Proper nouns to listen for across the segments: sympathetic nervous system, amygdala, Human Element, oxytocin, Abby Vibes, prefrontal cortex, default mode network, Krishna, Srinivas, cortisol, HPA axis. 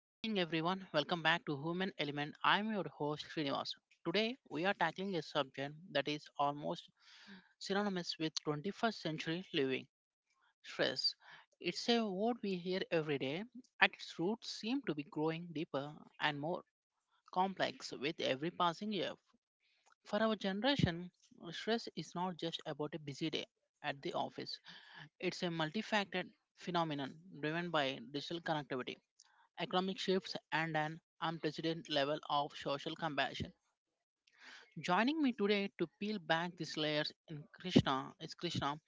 Good evening, everyone. Welcome back to Human Element. I'm your host, Srinivas. Today, we are tackling a subject that is almost synonymous with 21st century living stress. It's a word we hear every day. At its roots, seem to be growing deeper and more complex with every passing year. For our generation, stress is not just about a busy day at the office. It's a multifaceted phenomenon driven by digital connectivity economic shifts, and an unprecedented level of social compassion. Joining me today to peel back these layers in Krishna is Krishna,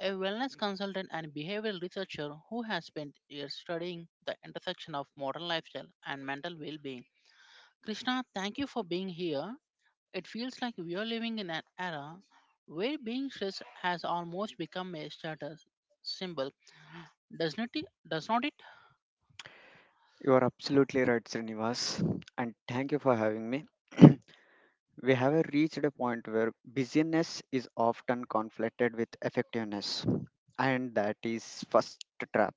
a wellness consultant and behavioral researcher who has spent years studying the intersection of modern lifestyle and mental well-being. Krishna, thank you for being here. It feels like we are living in an era where being stressed has almost become a status symbol. Does not it? You are absolutely right, Srinivas, and thank you for having me. We have reached a point where busyness is often conflated with effectiveness, and that is first trap.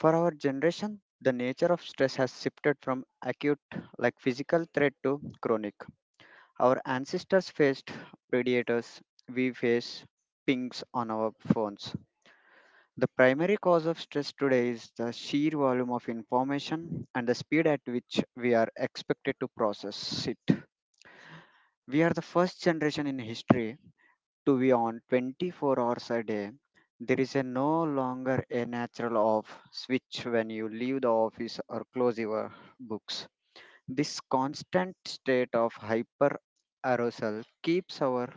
For our generation, the nature of stress has shifted from acute, like physical threat, to chronic. Our ancestors faced predators, we face pings on our phones. The primary cause of stress today is the sheer volume of information and the speed at which we are expected to process it. We are the first generation in history to be on 24 hours a day. There is a no longer a natural off switch when you leave the office or close your books. This constant state of hyper arousal keeps our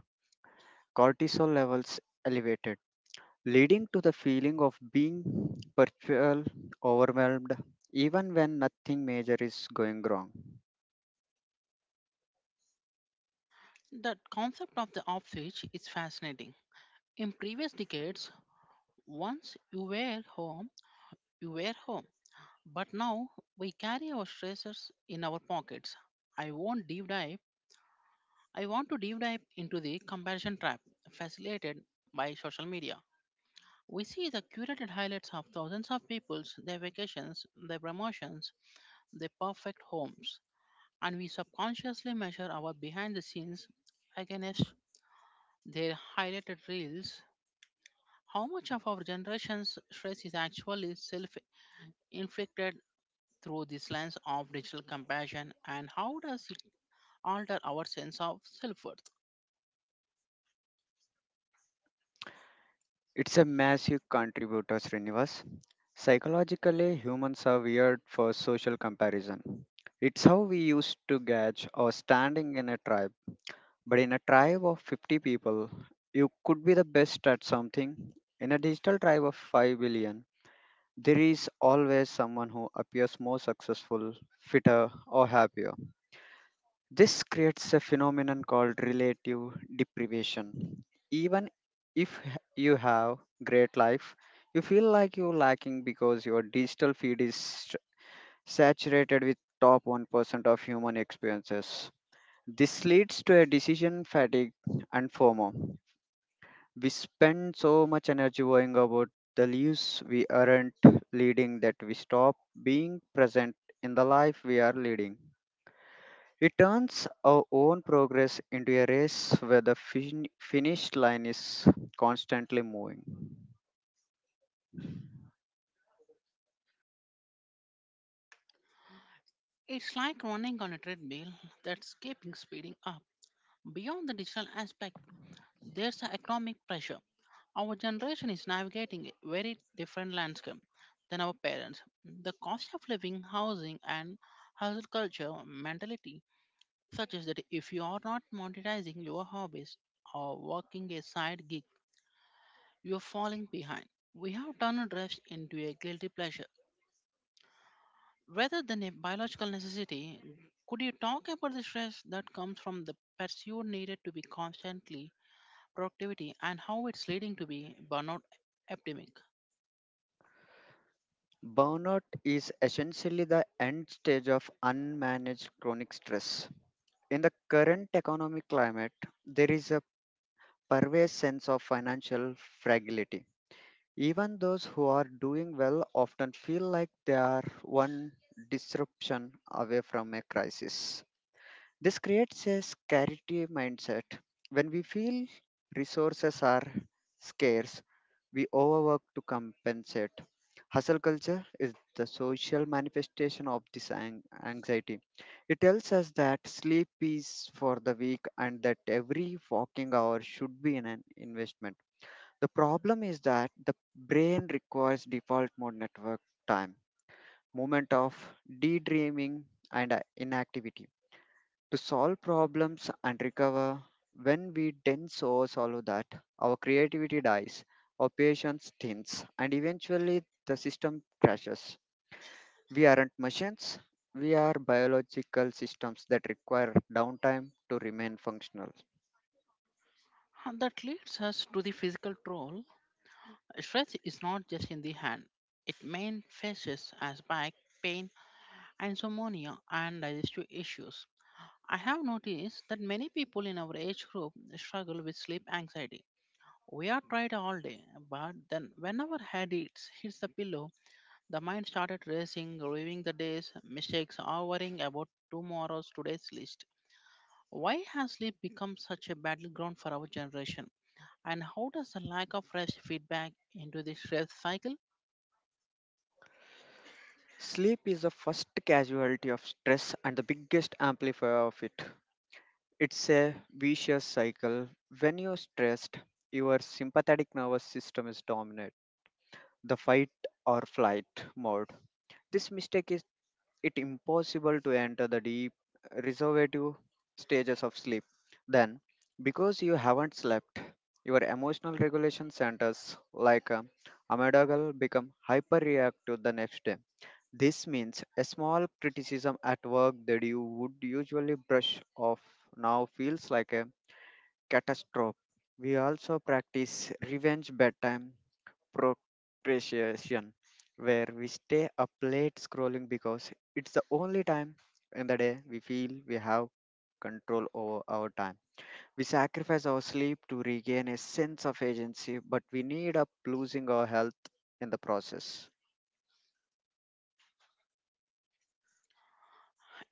cortisol levels elevated, leading to the feeling of being perpetual overwhelmed even when nothing major is going wrong. The concept of the off switch is fascinating. In previous decades, once you were home, you were home. But now we carry our stresses in our pockets. I won't deep dive. I want to deep dive into the comparison trap facilitated by social media. We see the curated highlights of thousands of people's their vacations, their promotions, their perfect homes, and we subconsciously measure our behind the scenes against their highlighted reels. How much of our generation's stress is actually self inflicted through this lens of digital compassion and how does it alter our sense of self-worth? It's a massive contributor, Srinivas. Psychologically, humans are weird for social comparison. It's how we used to gauge our standing in a tribe. But in a tribe of 50 people, you could be the best at something. In a digital tribe of 5 billion, there is always someone who appears more successful, fitter, or happier. This creates a phenomenon called relative deprivation. Even if h- you have great life, you feel like you're lacking because your digital feed is saturated with top 1% of human experiences. This leads to a decision fatigue and FOMO. We spend so much energy worrying about the lives we aren't leading that we stop being present in the life we are leading. It turns our own progress into a race where the finish line is constantly moving. It's like running on a treadmill that's keeping speeding up. Beyond the digital aspect there's the economic pressure. Our generation is navigating a very different landscape than our parents. The cost of living housing and hustle culture mentality, such as that if you are not monetizing your hobbies or working a side gig, you're falling behind. We have turned rest into a guilty pleasure rather than a biological necessity. Could you talk about the stress that comes from the pursuit needed to be constantly productivity and how it's leading to be burnout epidemic? Burnout is essentially the end stage of unmanaged chronic stress. In the current economic climate, there is a pervasive sense of financial fragility. Even those who are doing well often feel like they are one disruption away from a crisis. This creates a scarcity mindset. When we feel resources are scarce, we overwork to compensate. Hustle culture is the social manifestation of this anxiety. It tells us that sleep is for the weak and that every walking hour should be in an investment. The problem is that the brain requires default mode network time, moment of daydreaming, and inactivity to solve problems and recover. When we dense or solve that, our creativity dies, our patience thins, and eventually the system crashes. We aren't machines, we are biological systems that require downtime to remain functional. And that leads us to the physical toll. Stress is not just in the hand; it manifests as back pain, insomnia, and digestive issues. I have noticed that many people in our age group struggle with sleep anxiety. We are tried all day, but then whenever head hits the pillow, the mind started racing, reviewing the day's mistakes, or worrying about tomorrow's today's list. Why has sleep become such a battleground for our generation? And how does the lack of rest feedback into this stress cycle? Sleep is the first casualty of stress and the biggest amplifier of it. It's a vicious cycle. When you're stressed, your sympathetic nervous system is dominant, the fight or flight mode. This mistake is it impossible to enter the deep reservative stages of sleep. Then, because you haven't slept, your emotional regulation centers like amygdala become hyperreactive the next day. This means a small criticism at work that you would usually brush off now feels like a catastrophe. We also practice revenge bedtime procrastination, where we stay up late scrolling because it's the only time in the day we feel we have control over our time. We sacrifice our sleep to regain a sense of agency, but we end up losing our health in the process.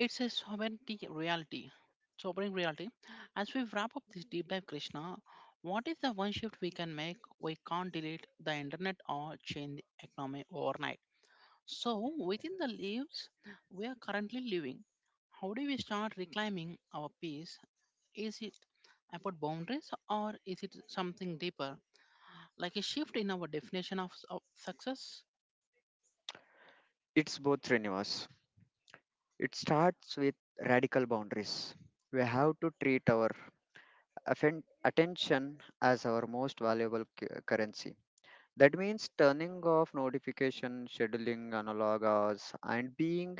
It's a sobering reality. Sobering reality. As we wrap up this deep dive, Krishna, what is the one shift we can make? We can't delete the internet or change the economy overnight. So, within the lives we are currently living, how do we start reclaiming our peace? Is it about boundaries or is it something deeper, like a shift in our definition of success? It's both strenuous. It starts with radical boundaries. We have to treat our attention as our most valuable currency. That means turning off notification, scheduling analog hours, and being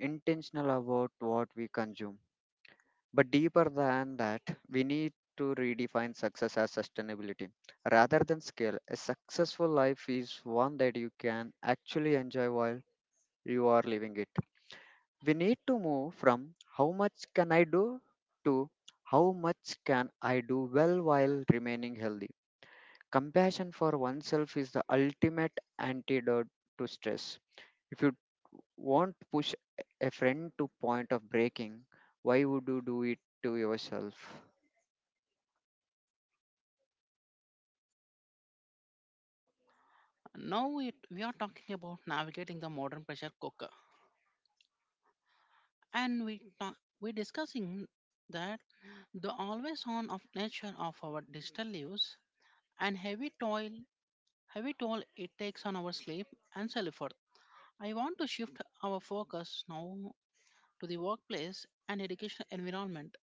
intentional about what we consume. But deeper than that, we need to redefine success as sustainability. Rather than scale, a successful life is one that you can actually enjoy while you are living it. We need to move from how much can I do to how much can I do well while remaining healthy. Compassion for oneself is the ultimate antidote to stress. If you won't push a friend to point of breaking, why would you do it to yourself? Now it, we are talking about navigating the modern pressure cooker, and we're discussing that the always on of nature of our digital lives and heavy toll it takes on our sleep and self. I want to shift our focus now to the workplace and educational environment.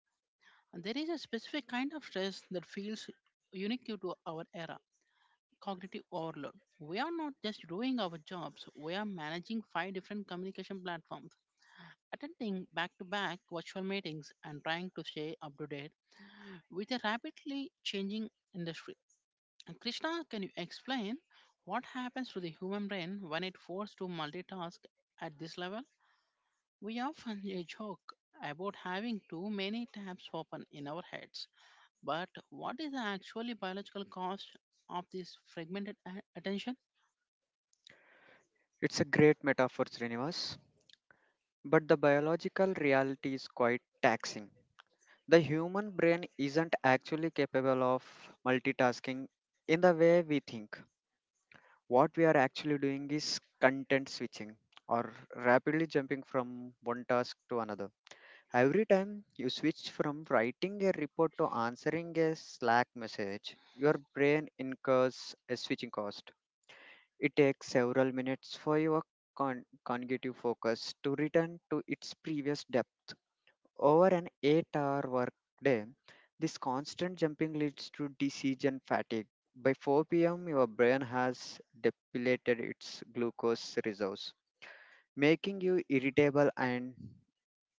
And there is a specific kind of stress that feels unique to our era, cognitive overload. We are not just doing our jobs, we are managing five different communication platforms, attending back to back virtual meetings, and trying to stay up to date with a rapidly changing industry. And Krishna, can you explain what happens to the human brain when it forced to multitask at this level? We often joke about having too many tabs open in our heads, but what is the actually biological cause of this fragmented attention? It's a great metaphor, Srinivas, but the biological reality is quite taxing. The human brain isn't actually capable of multitasking in the way we think. What we are actually doing is content switching or rapidly jumping from one task to another. Every time you switch from writing a report to answering a Slack message, your brain incurs a switching cost. It takes several minutes for your cognitive focus to return to its previous depth. Over an 8-hour workday, this constant jumping leads to decision fatigue. By 4 p.m., your brain has depleted its glucose reserves, making you irritable and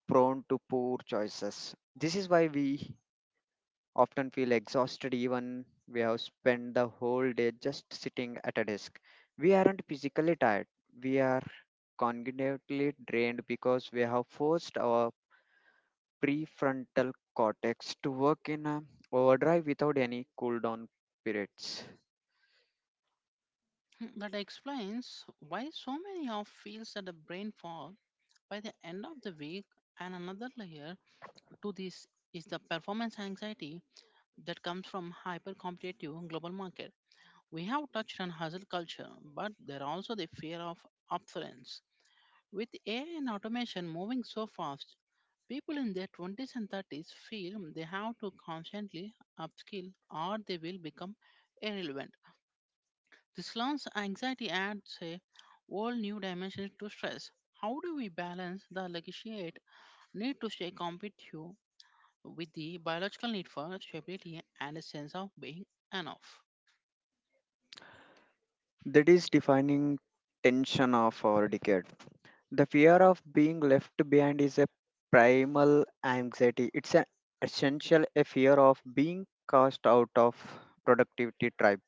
prone to poor choices. This is why we often feel exhausted even we have spent the whole day just sitting at a desk. We aren't physically tired. We are cognitively drained because we have forced our prefrontal cortex to work in a overdrive without any cool down periods. That explains why so many of feels that the brain fog by the end of the week, and another layer to this is the performance anxiety that comes from hyper-competitive global market. We have touched on hustle culture, but there are also the fear of obsolescence. With AI and automation moving so fast, people in their 20s and 30s feel they have to constantly upskill or they will become irrelevant. This learns anxiety adds a whole new dimension to stress. How do we balance the legitimate need to stay competitive with the biological need for stability and a sense of being enough? That is defining tension of our decade. The fear of being left behind is a primal anxiety. It's an essential a fear of being cast out of productivity tribe.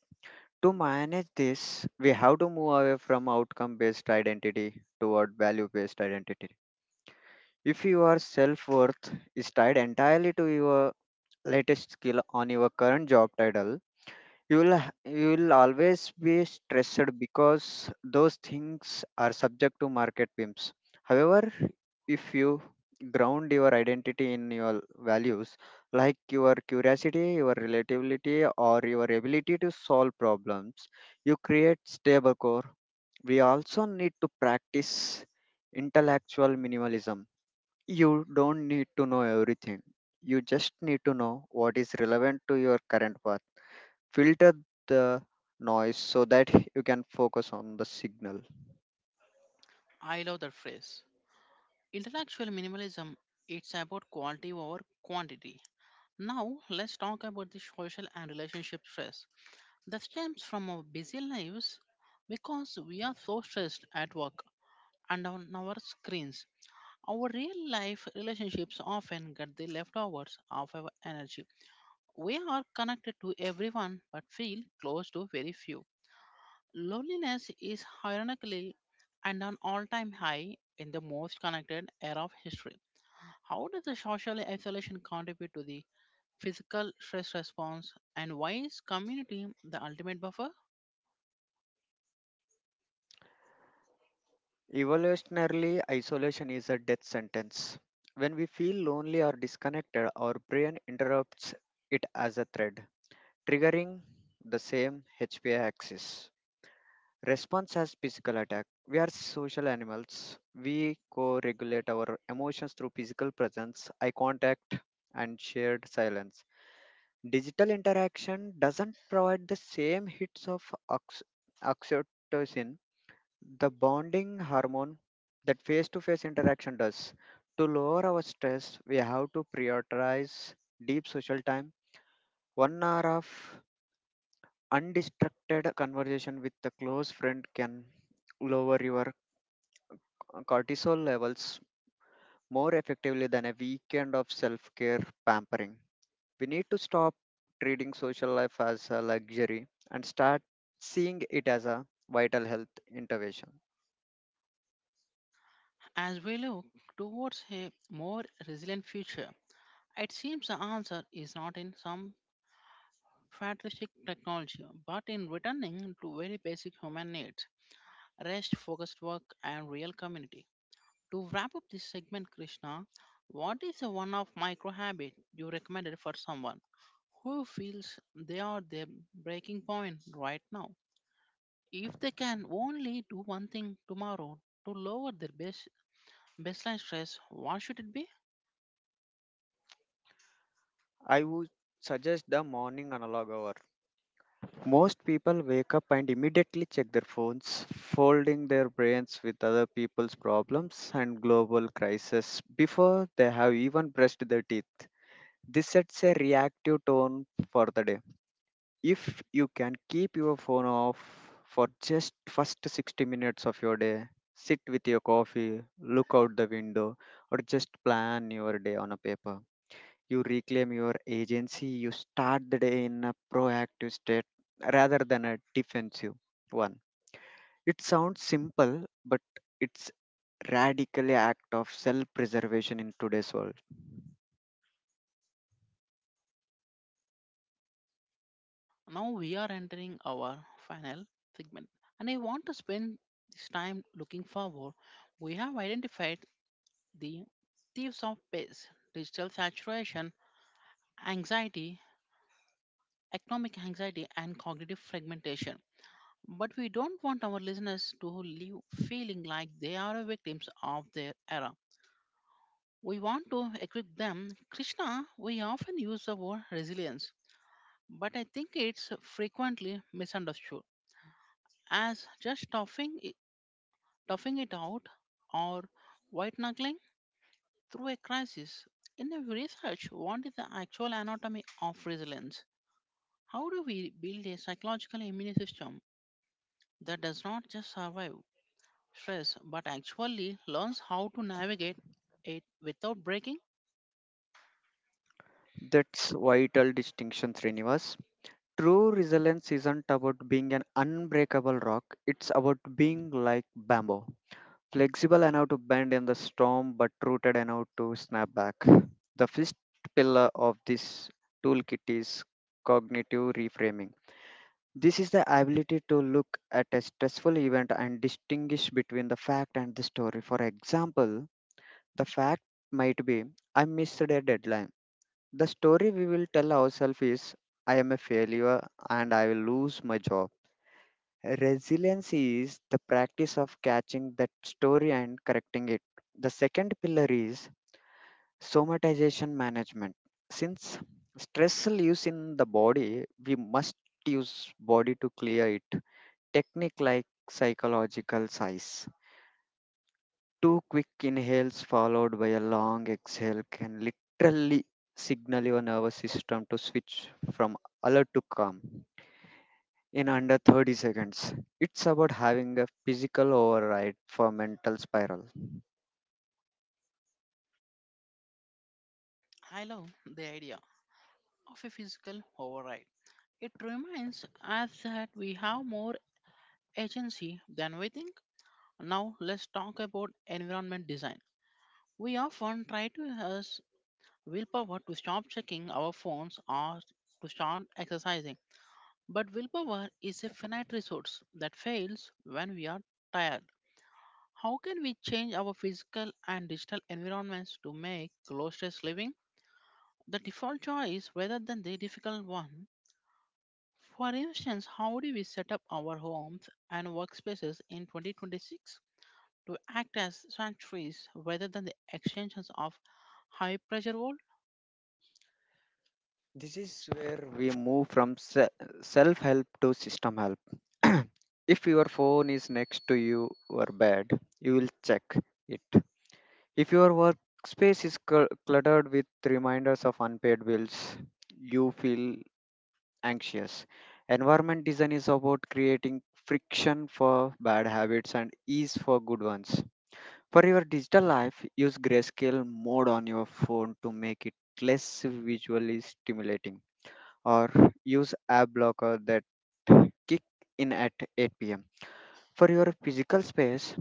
To manage this, we have to move away from outcome based identity toward value based identity. If your self worth is tied entirely to your latest skill on your current job title, you will h- you will always be stressed because those things are subject to market whims. However, if you ground your identity in your values, like your curiosity, your relatability, or your ability to solve problems, you create stable core. We also need to practice intellectual minimalism. You don't need to know everything, you just need to know what is relevant to your current path. Filter the noise so that you can focus on the signal. I love that phrase. Intellectual minimalism, it's about quality over quantity. Now, let's talk about the social and relationship stress that stems from our busy lives because we are so stressed at work and on our screens. Our real life relationships often get the leftovers of our energy. We are connected to everyone but feel close to very few. Loneliness is ironically and an all time high in the most connected era of history. How does the social isolation contribute to the physical stress response, and why is community the ultimate buffer? Evolutionarily, isolation is a death sentence. When we feel lonely or disconnected, our brain interrupts it as a thread, triggering the same HPA axis. Response as physical attack. We are social animals. We co regulate our emotions through physical presence, eye contact, and shared silence. Digital interaction doesn't provide the same hits of oxytocin, the bonding hormone that face to face interaction does. To lower our stress, we have to prioritize deep social time. One hour of undistracted conversation with a close friend can lower your cortisol levels more effectively than a weekend of self care pampering. We need to stop treating social life as a luxury and start seeing it as a vital health intervention. As we look towards a more resilient future, it seems the answer is not in some futuristic technology, but in returning to very basic human needs, rest, focused work, and real community. To wrap up this segment, Krishna, what is the one of micro habit you recommended for someone who feels they are their breaking point right now? If they can only do one thing tomorrow to lower their baseline stress, what should it be? I would suggest the morning analog hour. Most people wake up and immediately check their phones, folding their brains with other people's problems and global crises before they have even brushed their teeth. This sets a reactive tone for the day. If you can keep your phone off for just first 60 minutes of your day, sit with your coffee, look out the window, or just plan your day on a paper, you reclaim your agency. You start the day in a proactive state rather than a defensive one. It sounds simple, but it's radically act of self preservation in today's world. Now we are entering our final segment, and I want to spend this time looking forward. We have identified the thieves of pace, digital saturation, anxiety, economic anxiety, and cognitive fragmentation. But we don't want our listeners to leave feeling like they are victims of their era. We want to equip them. Krishna, we often use the word resilience, but I think it's frequently misunderstood as just toughing it out or white knuckling through a crisis. In the research, what is the actual anatomy of resilience? How do we build a psychological immune system that does not just survive stress but actually learns how to navigate it without breaking? That's vital distinction, Srinivas. True resilience isn't about being an unbreakable rock, it's about being like bamboo, flexible enough to bend in the storm but rooted enough to snap back. The fifth pillar of this toolkit is cognitive reframing. This is the ability to look at a stressful event and distinguish between the fact and the story. For example, the fact might be I missed a deadline. The story we will tell ourselves is I am a failure and I will lose my job. Resilience is the practice of catching that story and correcting it. The second pillar is somatization management. Since stress lives in the body, we must use body to clear it. Technique like psychological size. Two quick inhales followed by a long exhale can literally signal your nervous system to switch from alert to calm in under 30 seconds. It's about having a physical override for mental spiral. I love the idea of a physical override. It reminds us that we have more agency than we think. Now let's talk about environment design. We often try to use willpower to stop checking our phones or to start exercising. But willpower is a finite resource that fails when we are tired. How can we change our physical and digital environments to make low stress living the default choice rather than the difficult one? For instance, how do we set up our homes and workspaces in 2026 to act as sanctuaries rather than the extensions of high pressure wall? This is where we move from self help to system help. If your phone is next to you or bed, you will check it. If your workspace is cluttered with reminders of unpaid bills, you feel anxious. Environment design is about creating friction for bad habits and ease for good ones. For your digital life, use grayscale mode on your phone to make it less visually stimulating, or use app blocker that kick in at 8 pm. For your physical space,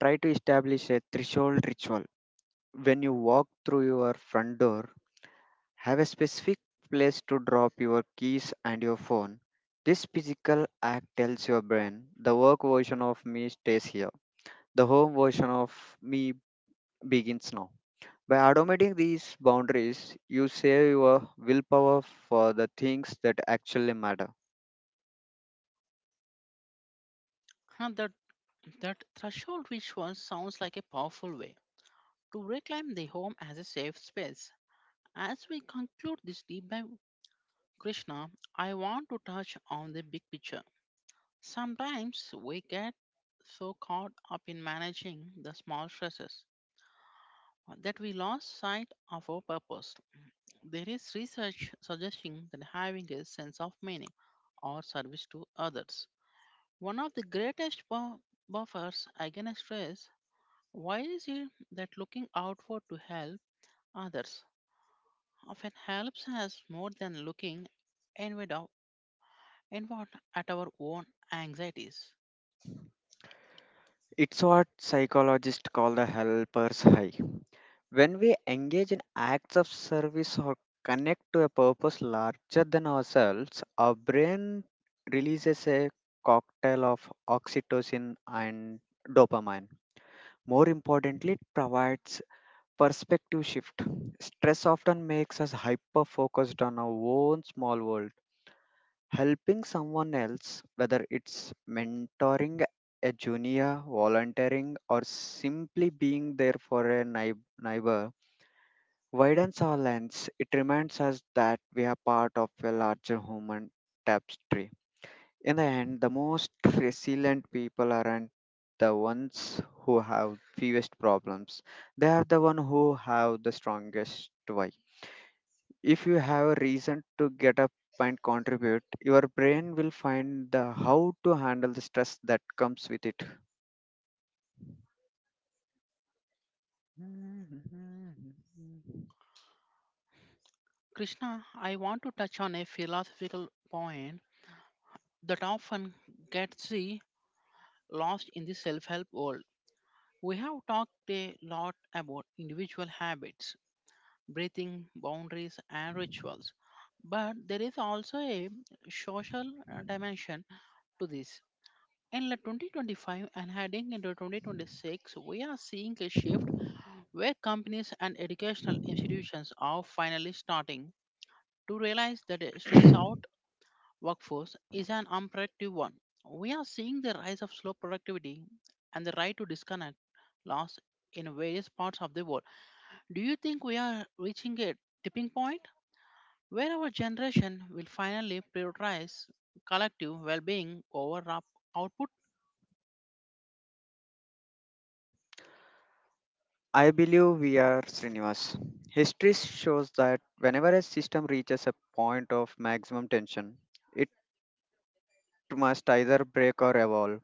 try to establish a threshold ritual. When you walk through your front door, have a specific place to drop your keys and your phone. This physical act tells your brain the work version of me stays here, the home version of me begins now. By automating these boundaries, you save your willpower for the things that actually matter. Huh, That, that threshold which one sounds like a powerful way to reclaim the home as a safe space. As we conclude this deep dive, Krishna, I want to touch on the big picture. Sometimes we get so caught up in managing the small stresses that we lost sight of our purpose. There is research suggesting that having a sense of meaning or service to others. One of the greatest buffers against stress, why is it that looking outward to help others often helps us more than looking inward, of- inward at our own anxieties? It's what psychologists call the helper's high. When we engage in acts of service or connect to a purpose larger than ourselves, our brain releases a cocktail of oxytocin and dopamine. More importantly, it provides perspective shift. Stress often makes us hyper focused on our own small world. Helping someone else, whether it's mentoring a junior, volunteering, or simply being there for a neighbor, widens our lens. It reminds us that we are part of a larger human tapestry. In the end, the most resilient people aren't the ones who have fewest problems. They are the ones who have the strongest why. If you have a reason to get up and contribute, your brain will find the how to handle the stress that comes with it. Krishna, I want to touch on a philosophical point that often gets lost in the self help world. We have talked a lot about individual habits, breathing, boundaries, and rituals, but there is also a social dimension to this. In like 2025 and heading into 2026, we are seeing a shift where companies and educational institutions are finally starting to realize that a stress out workforce is an unproductive one. We are seeing the rise of slow productivity and the right to disconnect loss in various parts of the world. Do you think we are reaching a tipping point where our generation will finally prioritize collective well being over output? I believe we are, Srinivas. History shows that whenever a system reaches a point of maximum tension, it must either break or evolve.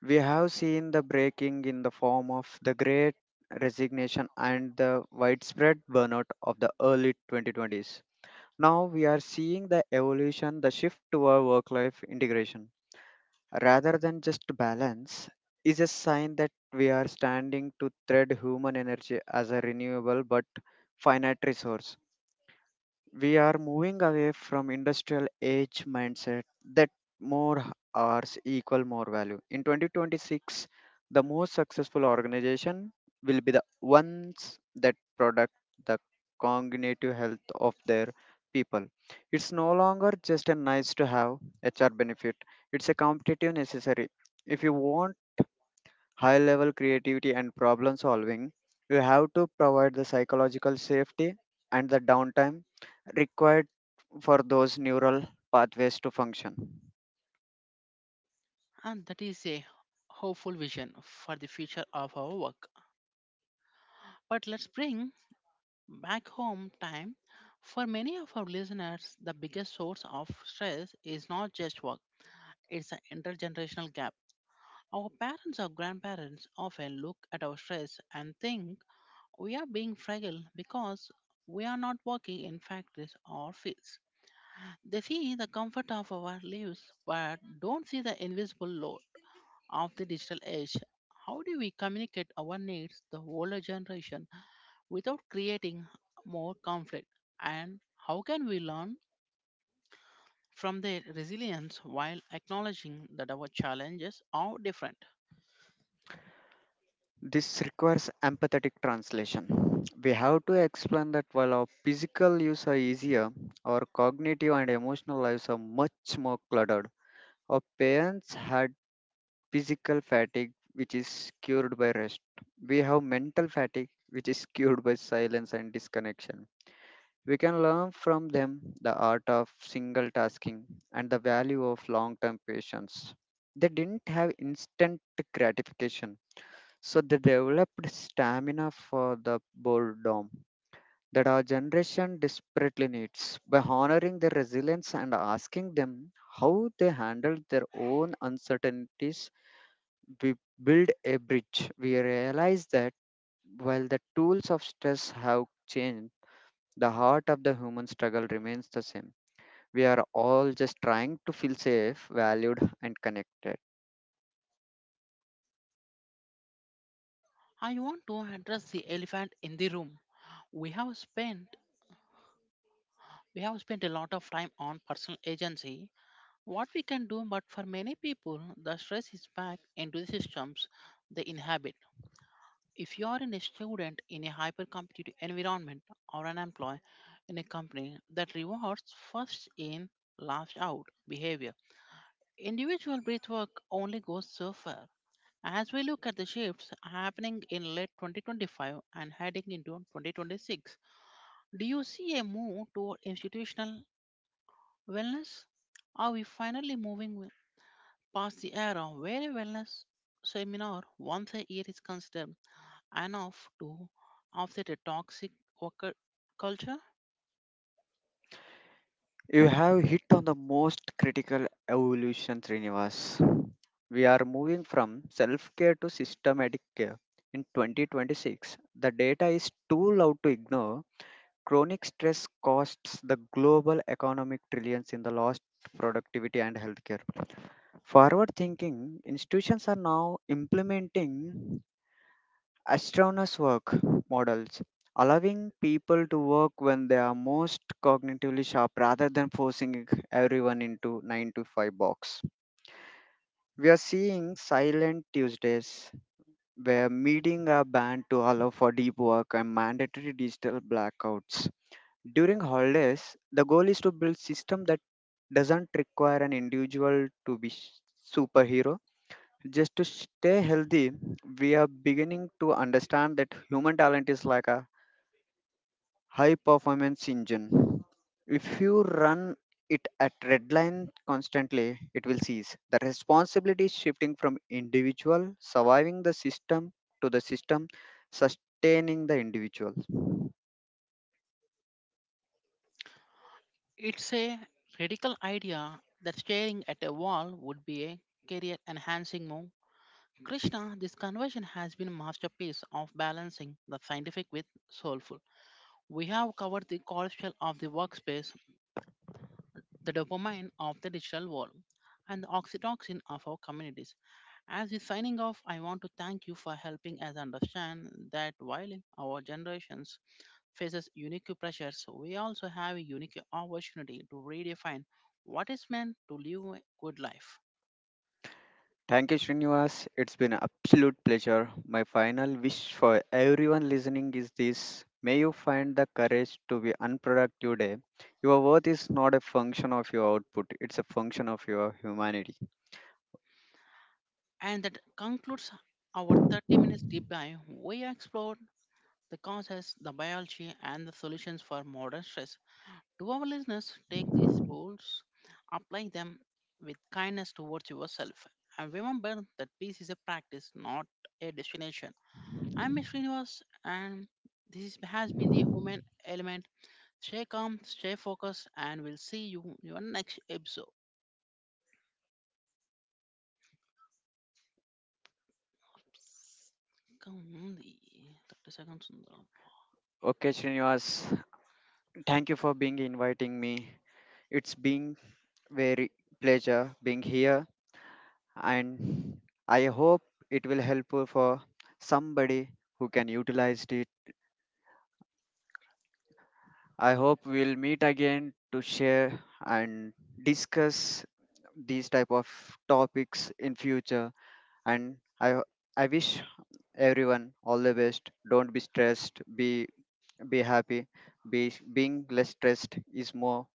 We have seen the breaking in the form of the great resignation and the widespread burnout of the early 2020s. Now we are seeing the evolution, the shift toward work life integration. Rather than just balance, is a sign that we are standing to thread human energy as a renewable but finite resource. We are moving away from industrial age mindset that more hours equal more value. In 2026, the most successful organization will be the ones that product the cognitive health of their people. It's no longer just a nice to have hr benefit. It's a competitive necessary. If you want high level creativity and problem solving, you have to provide the psychological safety and the downtime required for those neural pathways to function. And that is a hopeful vision for the future of our work. But let's bring back home time. For many of our listeners, the biggest source of stress is not just work, it's the intergenerational gap. Our parents or grandparents often look at our stress and think we are being fragile because we are not working in factories or fields. They see the comfort of our lives but don't see the invisible load of the digital age. How do we communicate our needs the older generation without creating more conflict? And how can we learn from their resilience while acknowledging that our challenges are different? This requires empathetic translation. We have to explain that while our physical lives are easier, our cognitive and emotional lives are much more cluttered. Our parents had physical fatigue, which is cured by rest. We have mental fatigue, which is cured by silence and disconnection. We can learn from them the art of single tasking and the value of long term patience. They didn't have instant gratification, so they developed stamina for the boredom that our generation desperately needs. By honoring their resilience and asking them how they handled their own uncertainties, we build a bridge. We realize that while the tools of stress have changed, the heart of the human struggle remains the same. We are all just trying to feel safe, valued, and connected. I want to address the elephant in the room. We have spent we have spent a lot of time on personal agency. What we can do, but for many people, the stress is back into the systems they inhabit. If you are in a student in a hyper competitive environment or an employee in a company that rewards first in, last out behavior, individual breathwork only goes so far. As we look at the shifts happening in late 2025 and heading into 2026, do you see a move toward institutional wellness? Are we finally moving pass the around where a wellness seminar once a year is considered enough to offset a toxic worker culture. You have hit on the most critical evolution, Srinivas. We are moving from self care to systematic care. In 2026, the data is too loud to ignore. Chronic stress costs the global economic trillions in the lost productivity and healthcare. Forward thinking institutions are now implementing Astronomers work models, allowing people to work when they are most cognitively sharp rather than forcing everyone into 9 to 5 box. We are seeing silent Tuesdays where meeting are banned to allow for deep work and mandatory digital blackouts. During holidays, the goal is to build system that doesn't require an individual to be superhero. Just to stay healthy, we are beginning to understand that human talent is like a high performance engine. If you run it at red line constantly, it will cease. The responsibility is shifting from individual surviving the system to the system sustaining the individual. It's a radical idea that staring at a wall would be a career enhancing move. Krishna, this conversion has been a masterpiece of balancing the scientific with soulful. We have covered the corruption of the workspace, the dopamine of the digital world, and the oxytocin of our communities. As we signing off, I want to thank you for helping us understand that while our generations faces unique pressures, we also have a unique opportunity to redefine what is meant to live a good life. Thank you, Srinivas. It's been an absolute pleasure. My final wish for everyone listening is this: may you find the courage to be unproductive day. Your worth is not a function of your output, it's a function of your humanity. And that concludes our 30 minutes deep dive. We explored the causes, the biology, and the solutions for modern stress. To our listeners, take these tools, apply them with kindness towards yourself, and remember that peace is a practice, not a destination. I'm Srinivas, and this has been the Human Element. Stay calm, stay focused, and we'll see you in your next episode. ఇంకా ఉంది thirty seconds ఉందా Okay, Srinivas, thank you for being inviting me. It's been very pleasure being here, and I hope it will help for somebody who can utilize it. I hope we'll meet again to share and discuss these type of topics in future, and I wish everyone all the best. Don't be stressed. Be happy. Be Being less stressed is more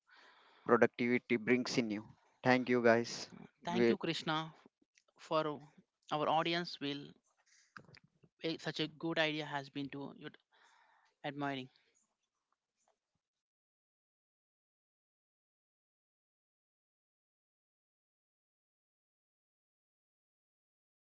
productivity brings in you. Thank you, guys. Thank We you Krishna for our audience will such a good idea has been to you admiring